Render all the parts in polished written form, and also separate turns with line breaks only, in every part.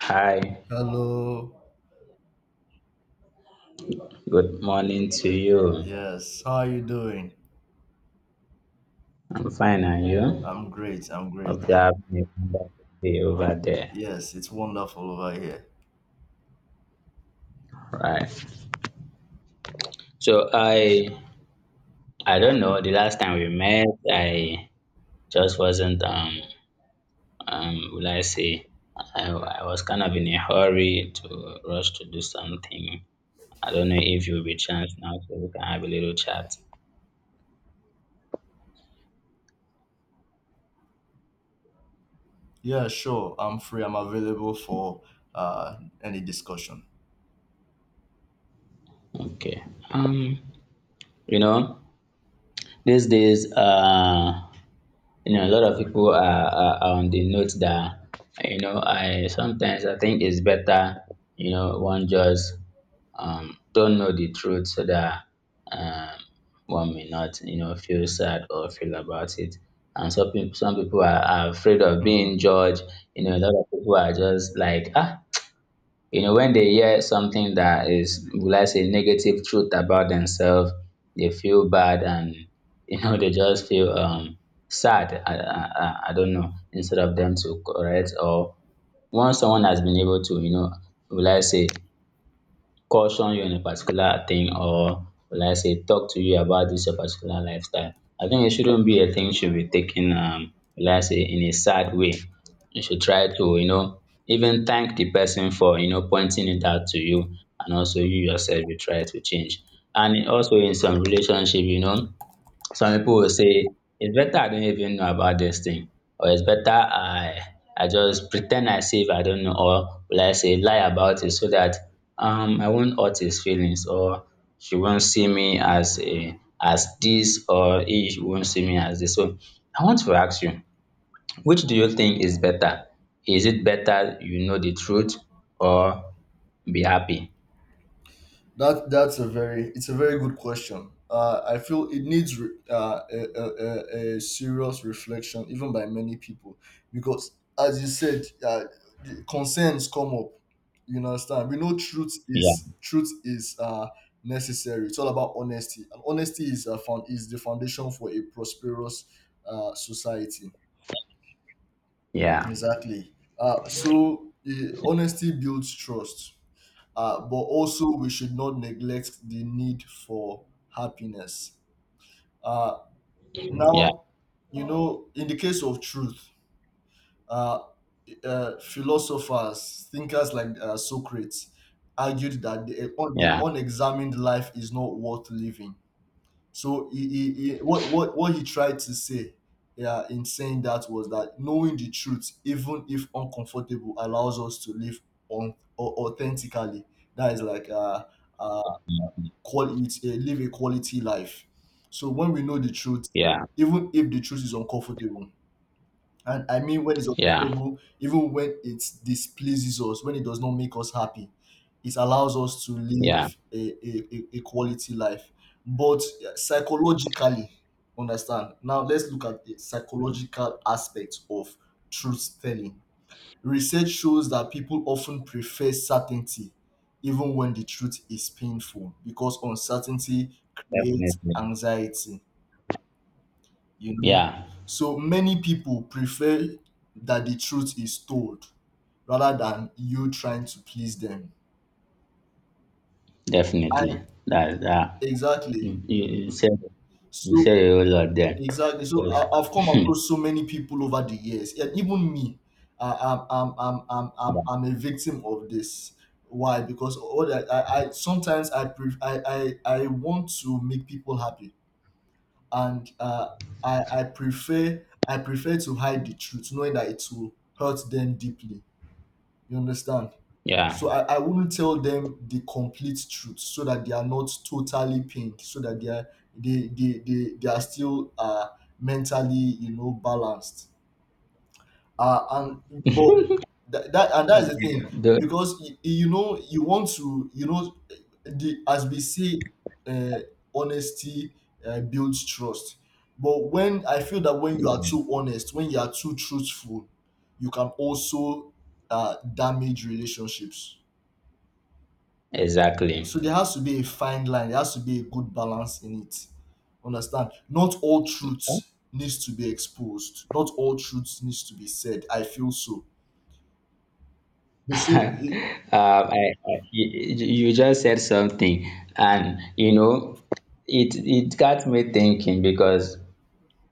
Hi,
Hello.
good morning to you.
Yes. How are you doing?
I'm fine, and you?
I'm great. I'm great.
Hope you're having a wonderful day over there.
Yes, it's wonderful over here.
Right. So I don't know, the last time we met, I just wasn't, will I say, I was kind of in a hurry to rush to do something. I don't know if you'll be chance now so we can have a little chat.
Yeah, sure. I'm free. I'm available for uh, any discussion.
Okay. Um, you know, these days, a lot of people are on the note that, I sometimes I think it's better, one just don't know the truth so that, um one may not, feel sad or feel about it. And some people are afraid of
Hmm.
being judged. A lot of people are just like, when they hear something that is, will I say, negative truth about themselves, they feel bad, and they just feel sad. I don't know, instead of them to correct, or once someone has been able to, will I say, caution you on a particular thing, or will I say, talk to you about this your particular lifestyle. I think it shouldn't be a thing should be taken, will I say, in a sad way. You should try to, even thank the person for, pointing it out to you. And also you yourself, you try to change. And also in some relationship, some people will say, it's better I don't even know about this thing, or it's better I just pretend ten d as if I don't know, or like I say, lie about it so that I won't hurt his feelings, or she won't see me as a as this, or he won't see me as this. So I want to ask you, which do you think is better? Is it better you know the truth, or be happy?
That's a very it's a very good question. I feel it needs a serious reflection, even by many people, because as you said, the concerns come up. You understand? We know truth
Yeah,
is necessary. It's all about honesty, and honesty is the foundation for a prosperous society.
yeah,
Exactly. So honesty builds trust, but also we should not neglect the need for happiness. Uh,
yeah,
Now, in the case of truth, uh, philosophers, thinkers like Socrates argued that the
yeah,
unexamined life is not worth living. So what he tried to say, yeah, in saying that was that knowing the truth, even if uncomfortable, allows us to live on, authentically. That is like uh, live a quality life. So when we know the truth,
yeah,
even if the truth is uncomfortable, and I mean when it's
yeah,
uncomfortable, even when it displeases us, when it does not make us happy, it allows us to
yeah,
live a quality life. But yeah, psychologically, understand. Now let's look at the psychological aspect of truth telling. Research shows that people often prefer certainty even when the truth is painful because uncertainty creates
definitely.
anxiety, you know.
Yeah.
So many people prefer that the truth is told rather than you trying to please them.
Definitely.
And
That, you,
exactly.
you you said, you
So,
said a whole lot there.
exactly. So
Yes.
I've come across so many people over the years, and even me, I, I'm a victim of this. Why? Because all I sometimes I, pre I want to make people happy, and I prefer to hide the truth, knowing that it will hurt them deeply. You understand? So
yeah,
I wouldn't tell them the complete truth so that they are not totally pink, so that they are still mentally, balanced, and but that, that and that's the thing, because you know you want to the as we say, uh, honesty builds trust, but when I feel that, when you are too honest, when you are too truthful, you can also damage relationships.
exactly.
So there has to be a fine line, there has to be a good balance in it. Understand? Not all
um,
truth needs to be exposed, not all truth needs to be said, I feel so. They say,
I, I- you just said something, and, it got me thinking because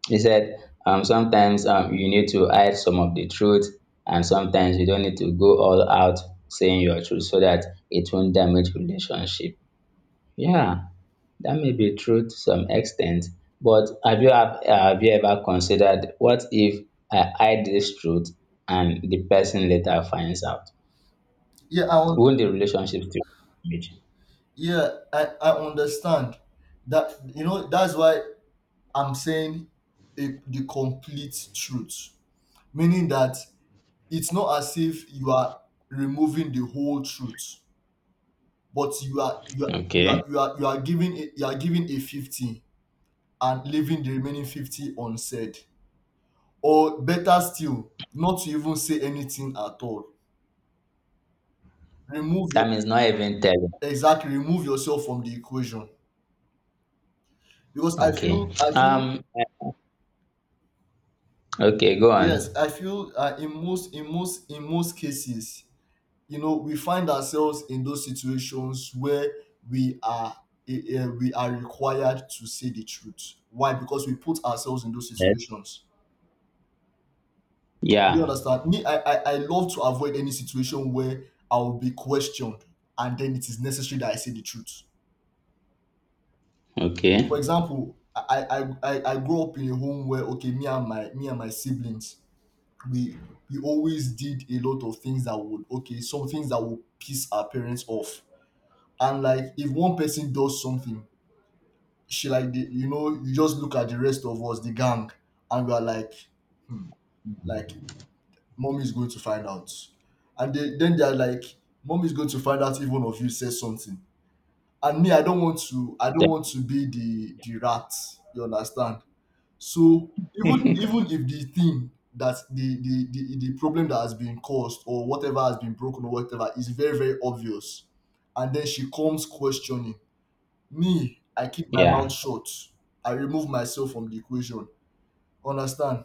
you said, sometimes, you need to hide some of the truth, and sometimes you don't need to go all out saying your truth so that it won't damage relationship. Yeah, that may be true to some extent, but have you ever considered what if I hide this truth and the person later finds out?
yeah,
Won't the relationship still damage?
yeah, I understand that. You know, that's why I'm saying the complete truth, meaning that it's not as if you are removing the whole truth, but
Okay.
you are you are giving a 50 and leaving the remaining 50 unsaid, or better still, not to even say anything at all. Remove your
That means not even telling.
Exactly. Remove yourself from the equation because
Okay.
I feel
Um okay, go on.
Yes, I feel, in most cases, you know, we find ourselves in those situations where we are we are required to say the truth. Why? Because we put ourselves in those
Yes.
situations. Do you
Yeah.
understand? Me, I love to avoid any situation where I will be questioned, and then it is necessary that I say the truth. For
Okay.
example, I grew up in a home where, okay, me and my siblings, we always did a lot of things that would, okay, some things that would piss our parents off. And like, if one person does something, she like the, you just look at the rest of us, the gang, and we are like, hmm, like, mom is going to find out. And then they're like, mom is going to find out if one of you says something. And me, I don't
Then-
want to be the rat, you understand. So even if the thing that the problem that has been caused, or whatever has been broken or whatever, is very very obvious, and then she comes questioning, me, I keep my
Yeah.
mouth shut. I remove myself from the equation. Understand?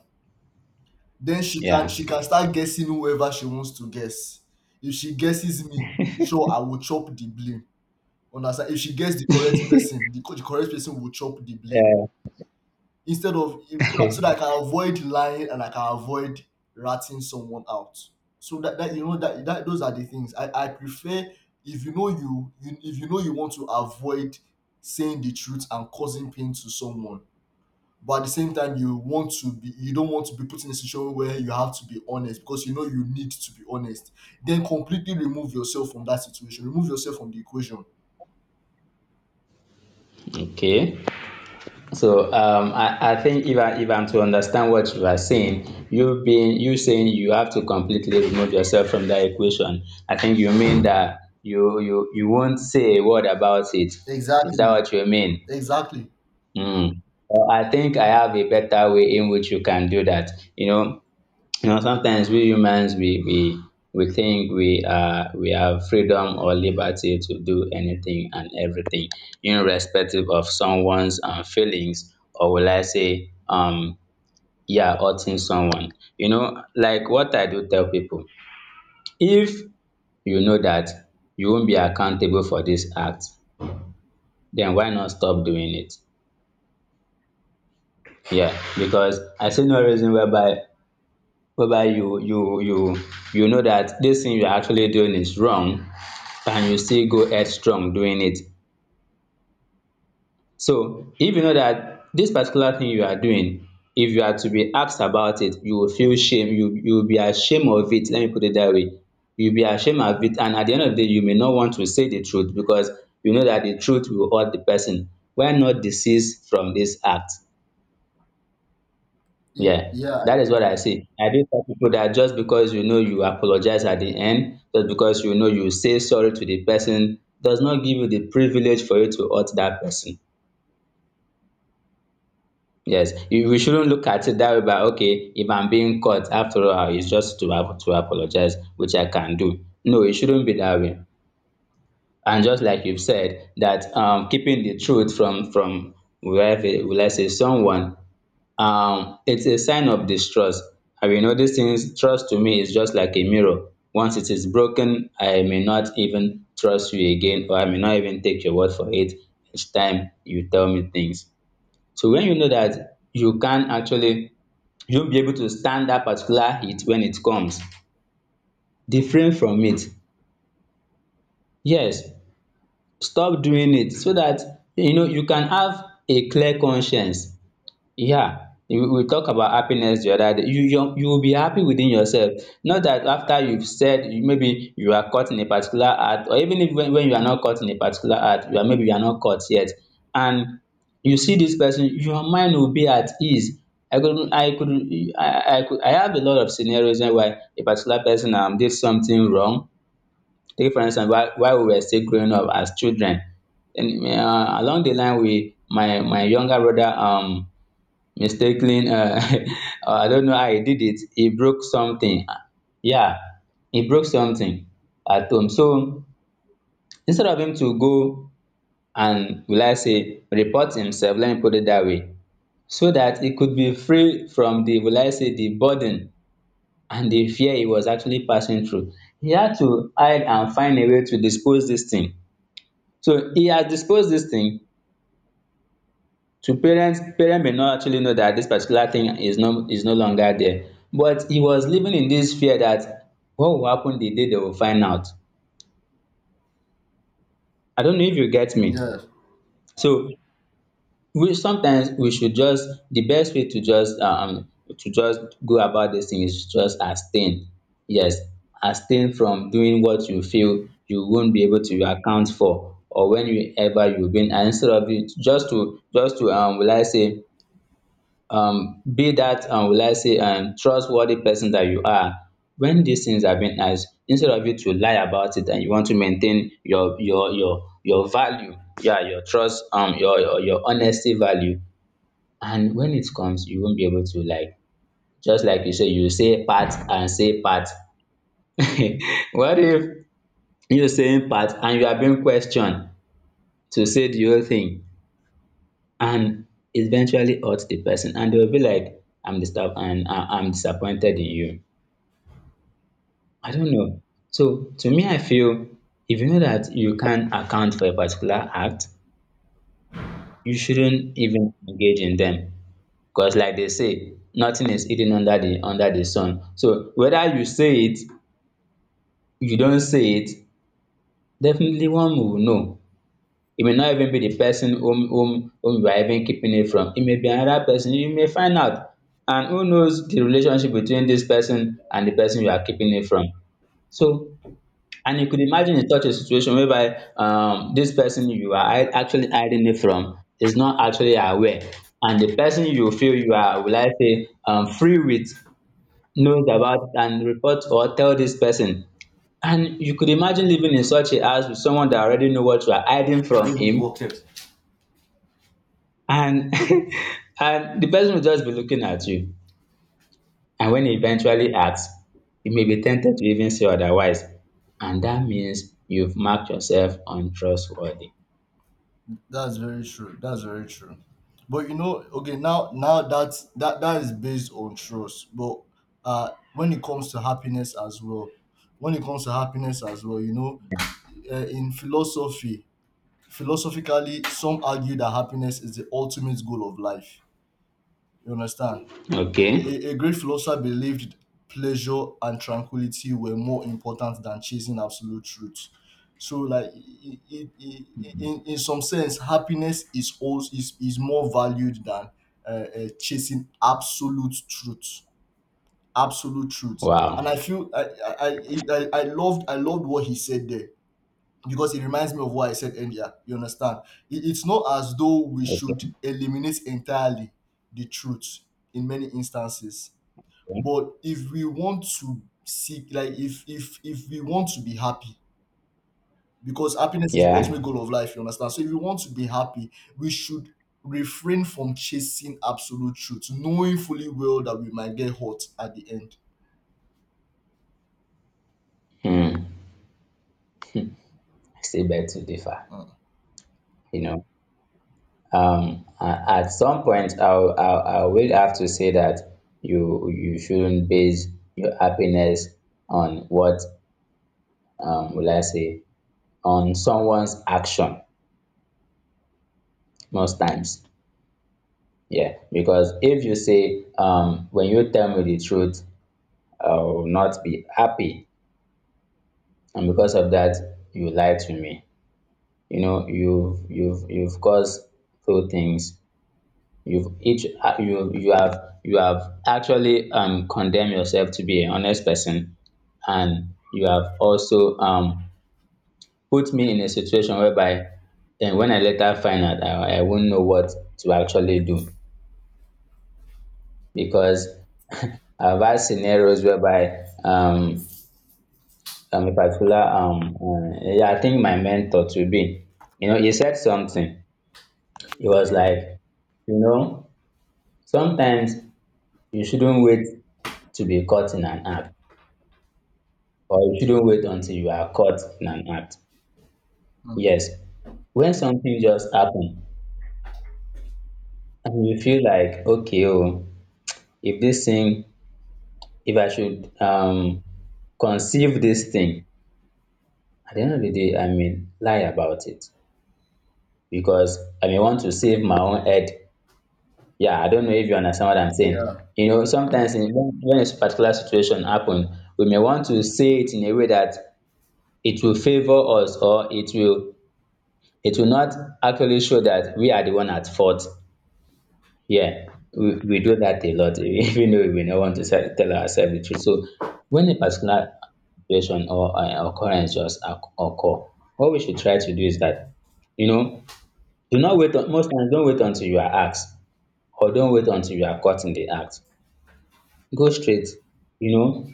Then she can
Yeah.
start guessing whoever she wants to guess. If she guesses me, sure, I will chop the blame. Understand? If she gets the correct person, the correct person will chop the blame.
Uh,
Instead of So that, so that I can avoid lying and I can avoid ratting someone out. So that, that, those are the things I prefer. If you know you, you If you know you want to avoid saying the truth and causing pain to someone, but at the same time you want to be you don't want to be put in a situation where you have to be honest because you know you need to be honest. Then completely remove yourself from that situation. Remove yourself from the equation.
okay. So, I think, if I'm to understand what you are saying, you saying you have to completely remove yourself from that equation. I think you mean that you won't say a word about it. Is that
Exactly.
what you mean?
Exactly.
Mm. Well, I think I have a better way in which you can do that. Sometimes we humans, we think, we have freedom or liberty to do anything and everything, irrespective of someone's, feelings, or will I say, yeah, hurting someone. Like what I do tell people, if you know that you won't be accountable for this act, then why not stop doing it? Yeah, because I see no reason whereby you know that this thing you are actually doing is wrong, and you still go headstrong doing it. So if you know that this particular thing you are doing, if you are to be asked about it, you will feel shame, you will be ashamed of it. Let me put it that way. You'll be ashamed of it, and at the end of the day, you may not want to say the truth because you know that the truth will hurt the person. Why not desist from this act?
Yeah.
Yeah,
Yeah.
that is what I see. I do tell people that just because you know you apologize at the end, just because you know you say sorry to the person, does not give you the privilege for you to hurt that person. Yes, we shouldn't look at it that way. But okay, if I'm being caught, after all, it's just to apologize, which I can do. No, it shouldn't be that way. And just like you've said, that, keeping the truth from wherever, will I say, someone, it's a sign of distrust. I will these things. Trust to me is just like a mirror. Once it is broken, I may not even trust you again, or I may not even take your word for it each time you tell me things. So when you know that you can actually, you'll be able to stand that particular heat when it comes. Different from it. Yes, stop doing it so that you know you can have a clear conscience. Yeah, you we talk about happiness the other day. You will be happy within yourself. Not that after you've said, maybe you are caught in a particular act, or even if, when you are not caught in a particular act, you are maybe you are not caught yet, and you see this person, your mind will be at ease. I could I could I have a lot of scenarios why a particular person did something wrong. Take for instance, while we were still growing up as children, and along the line, we my my younger brother, mistakenly, I don't know how he did it. He broke something. Yeah, he broke something at home. So instead of him to go and, will I say, report himself, let me put it that way, so that he could be free from the, will I say, the burden and the fear he was actually passing through. He had to hide and find a way to dispose this thing. So he has disposed this thing to parents may not actually know that this particular thing is no longer there. But he was living in this fear that what will happen the day they will find out. I don't know if you get me.
Yeah.
So, we sometimes we should just, the best way to just, go about this thing is just abstain. Yes, abstain from doing what you feel you won't be able to account for, or when you ever you've been. And instead of it, just to, will I say, be that, will I say, trustworthy person that you are. When these things are being asked, instead of you to lie about it, and you want to maintain your value, yeah, your trust, your honesty value. And when it comes, you won't be able to, like just like you say, you say part and say part. What if you saying part and you are being questioned to say the whole thing, and eventually hurt the person, and they will be like, I'm disturb, and I'm disappointed in you. I don't know. So to me, I feel, if you know that you can't account for a particular act, you shouldn't even engage in them, because like they say, nothing is hidden under the sun. So whether you say it, you don't say it, definitely one will know. It may not even be the person whom you are even keeping it from. It may be another person. You may find out. And who knows the relationship between this person and the person you are keeping it from. So, and you could imagine in such a situation whereby, this person you are actually hiding it from is not actually aware. And the person you feel you are, will I say, free with, knows about and report or tell this person. And you could imagine living in such a house with someone that already know what you are hiding from him, and and the person will just be looking at you. And when he eventually asks, you may be tempted to even say otherwise, and that means you've marked yourself untrustworthy.
That's very true. That's very true. But you know, okay, now that's that is based on trust. But when it comes to happiness as well, when it comes to happiness as well, you know, in philosophy, philosophically, some argue that happiness is the ultimate goal of life. You understand?
Okay.
A great philosopher believed pleasure and tranquility were more important than chasing absolute truth. So, in some sense, happiness is also, is more valued than uh, chasing absolute truth. Absolute truth, and I
Wow.
feel I loved what he said there, because it reminds me of what I said earlier. You understand? It's not as though we should
Okay.
eliminate entirely the truth in many instances, but if we want to seek like if we want to be happy, because happiness is the ultimate
Yeah.
goal of life, you understand. So if we want to be happy, we should refrain from chasing absolute truth, knowing fully well that we might get hurt at the end.
Hmm. I still beg to differ.
Mm.
you know at some point, I will have to say that you shouldn't base your happiness on what, will I say, on someone's action, most times. Yeah, because if you say, when you tell me the truth, I will not be happy, and because of that, you lied to me. You've caused two things. You've each you have you have actually condemned yourself to be an honest person, and you have also put me in a situation whereby then when I later find out, I won't know what to actually do because I've had scenarios whereby a particular I think my mentor to be, you know, he said something. He was like, you know, sometimes you shouldn't wait to be caught in an act, or you shouldn't wait until you are caught in an act. Yes, when something just happen and you feel like, okay, oh, if this thing, if I should conceive this thing, at the end of the day, I mean, lie about it, because I may want to save my own head. Yeah, I don't know if you understand what I'm saying.
Yeah,
You know, sometimes when a particular situation happen, we may want to say it in a way that it will favor us, or it will not actually show that we are the one at fault. Yeah, we do that a lot, even though we may not want to say, tell ourselves the truth. So when a particular situation or occurrence just occur, what we should try to do is that, you know, do not wait on, most times, don't wait until you are asked or don't wait until you are caught in the act. Go straight, you know,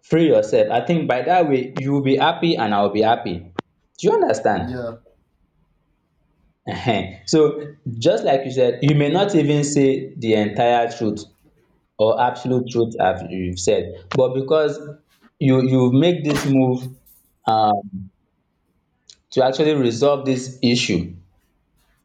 free yourself. I think by that way, you will be happy and I will be happy. Do you understand?
yeah,
Ehen. So, just like you said, you may not even say the entire truth or absolute truth as you've said, but because you make this move um to actually resolve this issue,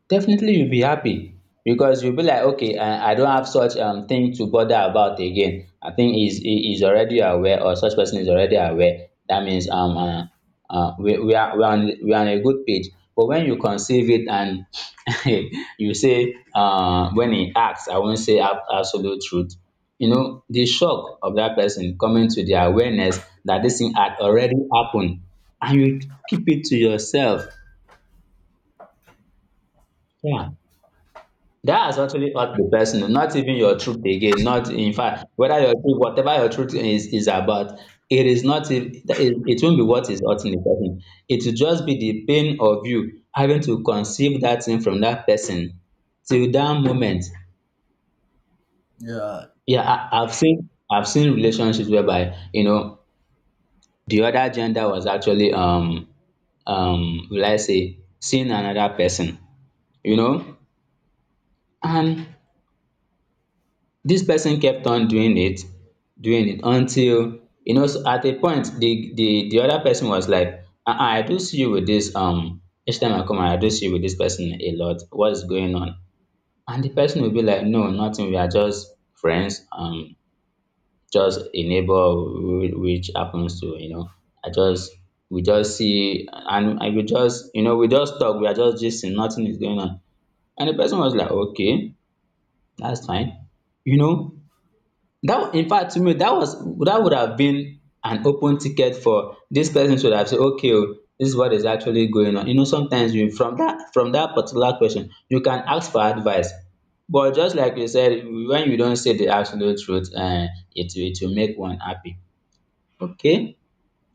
definitely you will be happy, because you will be like, okay, I don't have such thing to bother about again. I think he is already aware, or such person is already aware. That means we are on a good page. But when you conceive it and you say, when he asks, I won't say absolute truth, you know, the shock of that person coming to the awareness that this thing had already happened and you keep it to yourself, yeah. That is actually not the person, not even your truth again. Not in fact, whether your truth, whatever your truth is about, it is not. It won't be what is hurting the person. It will just be the pain of you having to conceive that thing from that person till that moment.
yeah,
Yeah, I've seen relationships whereby, you know, the other gender was actually will I say seeing another person, you know, and this person kept on doing it, doing it until, you know, so at a point the other person was like, ah ah, I do see you with this each time I come, I do see you with this person a lot, what is going on? And the person will be like, no, nothing, we are just friends, just a neighbor, which happens to, you know, I just, we just see, and I we just, you know, we just talk, we are just gisting, nothing is going on. And the person was like, okay, that's fine, you know. That, in fact, to me, that was, that would have been an open ticket for this person to have said, okay o, this is what is actually going on. You know, sometimes you, from that particular question, you can ask for advice. But just like you said, when you don't say the absolute truth, it will, it will make one happy. Okay.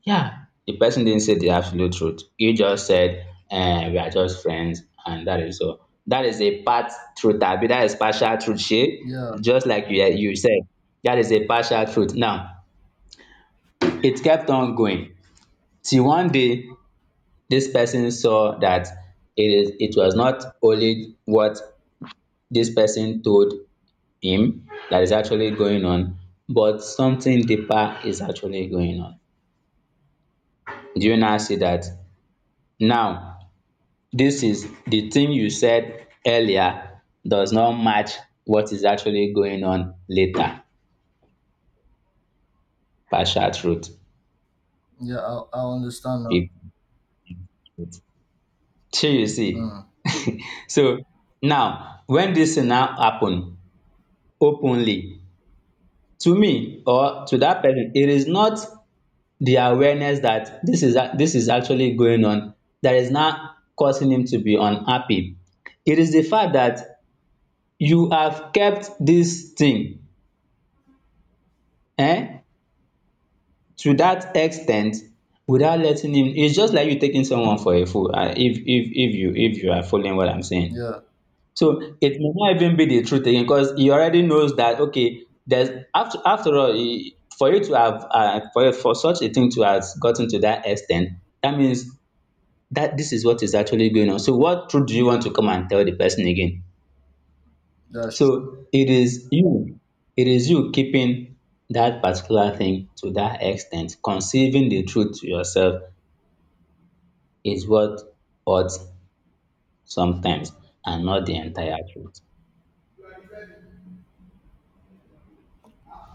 Yeah, the person didn't say the absolute truth. You just said, eh, we are just friends, and that is all. That is a part truth, Abi. That is partial truth, she.
yeah,
Just like you, eh, you said, that is a partial truth. Now, it kept on going. Till one day, this person saw that it was not only what this person told him that is actually going on, but something deeper is actually going on. Do you now see that? Now, this is the thing you said earlier does not match what is actually going on later. Partial truth.
yeah, I understand now.
It- shey you see.
Mm.
So now, when this thing now happen openly to me or to that person, it is not the awareness that this is this is actually going on that is now causing him to be unhappy. It is the fact that you have kept this thing, eh, to that extent without letting him. It's just like you taking someone for a fool, if you are following what I'm saying.
Yeah.
So it may not even be the truth again, because he already knows that, okay, there's, after after all he, for such a thing to have gotten to that extent, that means that this is what is actually going on. So what truth do you want to come and tell the person again?
that's tr-
So it is you keeping that particular thing to that extent. Conceiving the truth to yourself is what ought sometimes, and not the entire truth.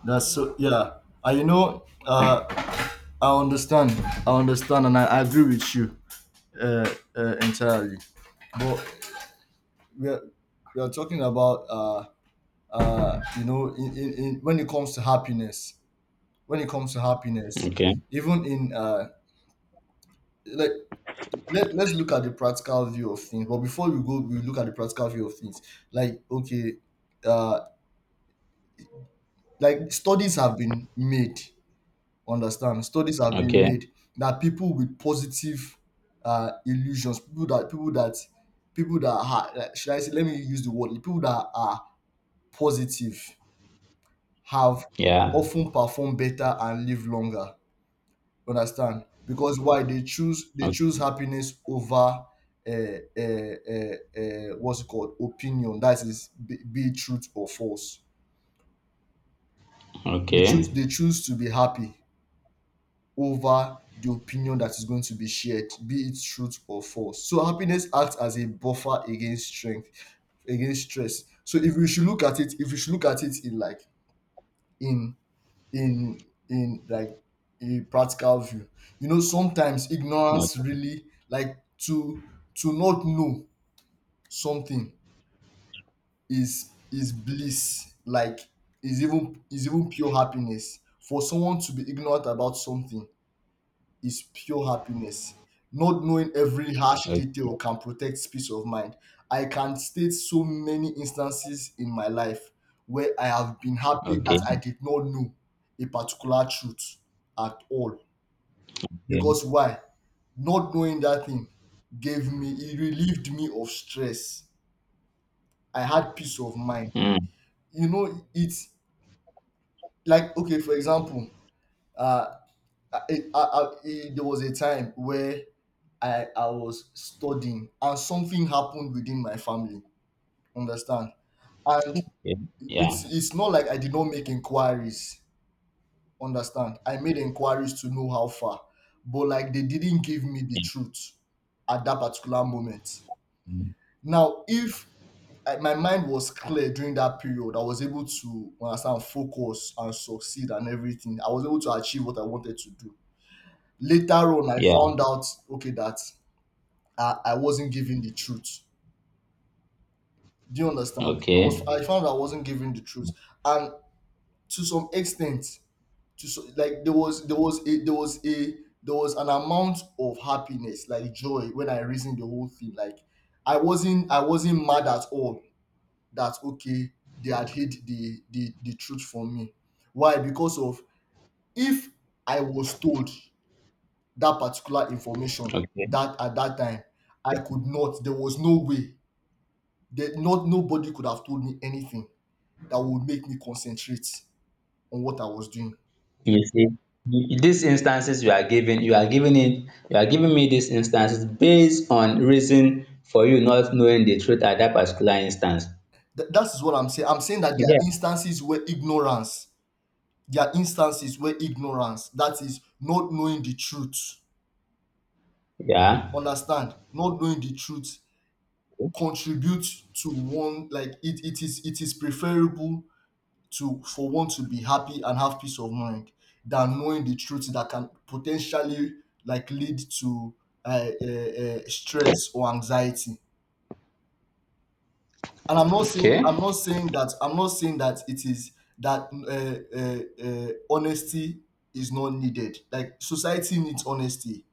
that's so. Yeah. And you know, i understand I understand, and I agree with you uh, entirely. But we are we are talking about, you know, in, when it comes to happiness, when it comes to happiness
Okay,
even in, like, let's look at the practical view of things, but before we go we look at the practical view of things. Like, okay, uh like, studies have been made. Understand? Studies have been
okay,
made that people with positive illusions, people that people that people that are should I say, let me use the word, people that are positive have
yeah,
often perform better and live longer. Understand? Because why? They
O-
choose happiness over what's it called, opinion. That is, be it truth or false. They
okay,
choose to be happy over the opinion that is going to be shared, be it truth or false. So happiness acts as a buffer against strength, against stress. So if you should look at it, if you should look at it, in like, in in in like a practical view, you know, sometimes ignorance
okay,
really like to not know something is bliss, like, is even pure happiness for someone to be ignorant about something, is pure happiness. Not knowing every harsh
okay,
detail can protect peace of mind. I can state so many instances in my life where I have been happy that
okay,
I did not know a particular truth at all.
okay.
Because why? Not knowing that thing gave me, it relieved me of stress. I had peace of mind.
Mm,
You know, it's like, okay, for example, uh, there was a time where I was studying, and something happened within my family. Understand? And
okay. Yeah,
it's not like I did not make inquiries. Understand? I made inquiries to know how far, but like they didn't give me the
yeah.
truth at that particular moment.
Mm.
Now, if I, my mind was clear during that period. I was able to understand, focus, and succeed, and everything. I was able to achieve what I wanted to do. Later on, I
Yeah,
found out, okay, that I wasn't giving the truth. Do you understand?
okay,
I found I wasn't giving the truth, and to some extent, like, there was an amount of happiness, like joy, when I reasoned the whole thing. Like I wasn't mad at all that okay they had hid the truth from me. Why? Because of if I was told that particular information
okay.
that at that time I could not. There was no way that not nobody could have told me anything that would make me concentrate on what I was doing.
You see, you- these instances you are giving it, you are giving me these instances based on reason for you not knowing the truth at that particular instance.
That's what I'm saying. I'm saying that there are
Yeah.
instances where ignorance, that is not knowing the truth,
Yeah.
understand, not knowing the truth contributes to one like it is preferable to for one to be happy and have peace of mind than knowing the truth that can potentially like lead to stress or anxiety. And
Okay.
I'm not saying that it is that honesty is not needed. Like society needs honesty.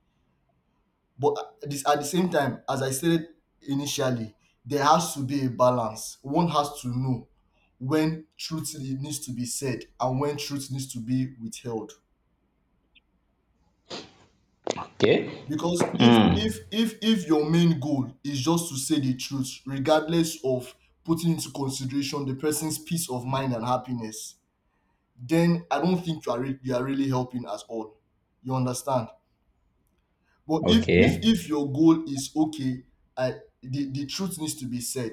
But at the same time, as I said initially, there has to be a balance. One has to know when truth needs to be said and when truth needs to be withheld.
Okay.
Because
Hmm.
if your main goal is just to say the truth, regardless of putting into consideration the person's peace of mind and happiness, then I don't think you are you are really helping at all. You understand? But
Okay.
if your goal is okay, I, the truth needs to be said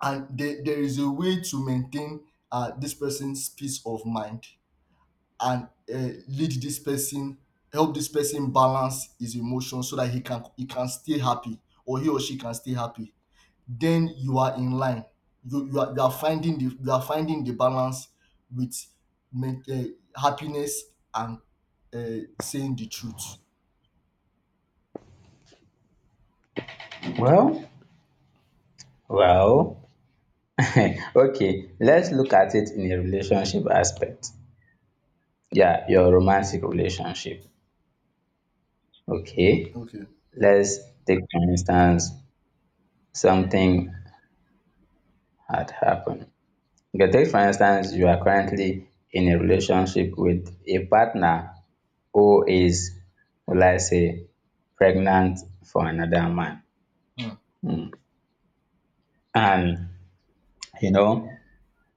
and there is a way to maintain this person's peace of mind and lead this person help this person balance his emotions so that he can stay happy or he or she can stay happy, then you are in line. You, you, are, you are finding the you are finding the balance with happiness and saying the truth.
Well. Well. Okay. Let's look at it in a relationship aspect. Yeah, your romantic relationship. Okay.
Okay.
Let's take for instance something had happened. Okay, take for instance, you are currently in a relationship with a partner who is, will I say, pregnant for another man.
Hmm.
And, you know,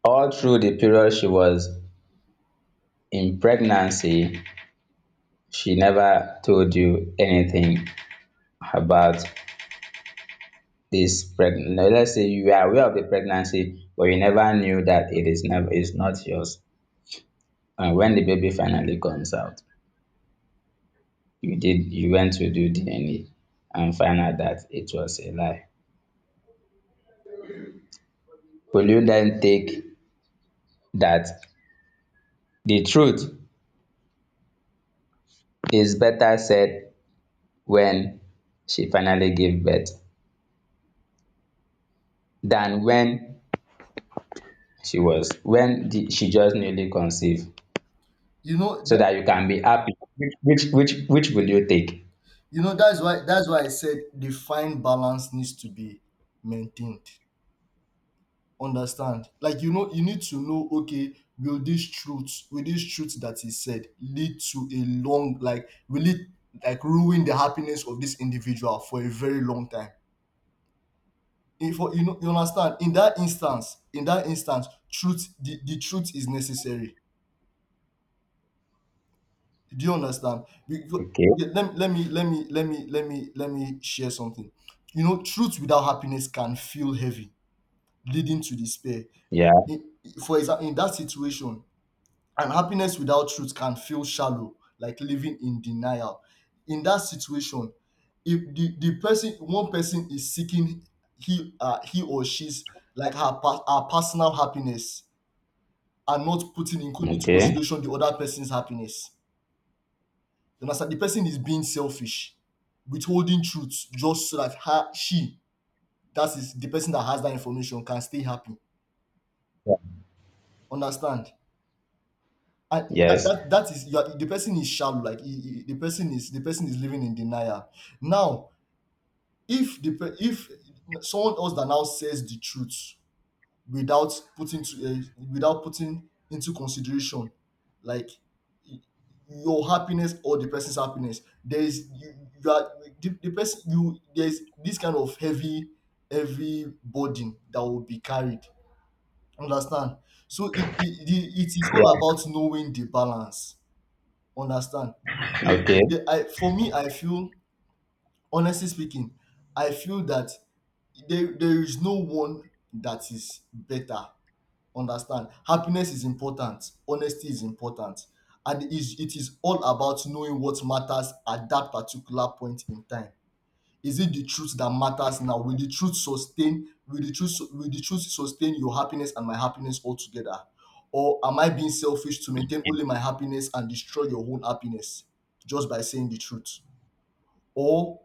all through the period she was in pregnancy, she never told you anything about this pregnancy. Let's say you are aware of the pregnancy, but you never knew that it is never is not yours. And when the baby finally comes out, you went to do DNA and find out that it was a lie. Will you then take that the truth is better said when she finally gave birth than when she was when the, she just newly conceived,
you know
so
that
that you can be happy? Which will you take?
you know that's why I said the fine balance needs to be maintained. Understand? Like, you know, you need to know, okay, will this truth that is said lead to a long, like will it like ruin the happiness of this individual for a very long time? If you know, you understand, in that instance truth, the truth is necessary. Do you understand? Because,
Okay.
okay, let, let me let me let me let me let me share something. You know, truth without happiness can feel heavy, leading to despair,
Yeah.
in, for example, in that situation. And happiness without truth can feel shallow, like living in denial. In that situation, if the person, one person is seeking he or she's like her personal happiness and not putting into
Okay.
consideration the other person's happiness, you understand, the person is being selfish, withholding truth just so that her she, that is the person that has that information, can stay happy. Understand? And
Yes.
that is you are, the person is shallow, like the person is living in denial. Now, if someone else that now says the truth without putting to, without putting into consideration like y- your happiness or the person's happiness, there is you, you are the person, you there's this kind of heavy, heavy burden that will be carried. Understand? So it is all about
Yeah.
knowing the balance. Understand.
Okay.
I, for me, I feel, honestly speaking, I feel that there is no one that is better. Understand? Happiness is important. Honesty is important. And it is all about knowing what matters at that particular point in time. Is it the truth that matters now? Will the truth sustain? Will the truth sustain your happiness and my happiness altogether? Or am I being selfish to maintain only my happiness and destroy your own happiness just by saying the truth? Or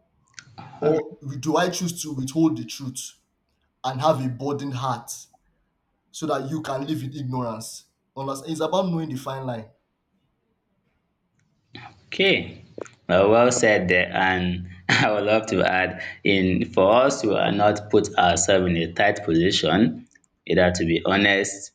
or do I choose to withhold the truth and have a burdened heart so that you can live in ignorance? Understand? It's about knowing the fine line.
Okay, well, well said there. And I would love to add in for us to, not put ourselves in a tight position, either to be honest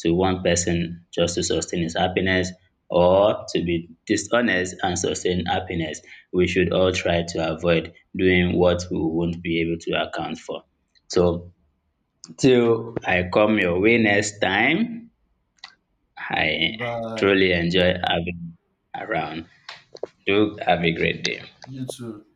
to one person just to sustain his happiness or to be dishonest and sustain happiness. We should all try to avoid doing what we won't be able to account for. So, till I come your way next time, I
Bye.
truly enjoy having you around. Do have a great day.
You too.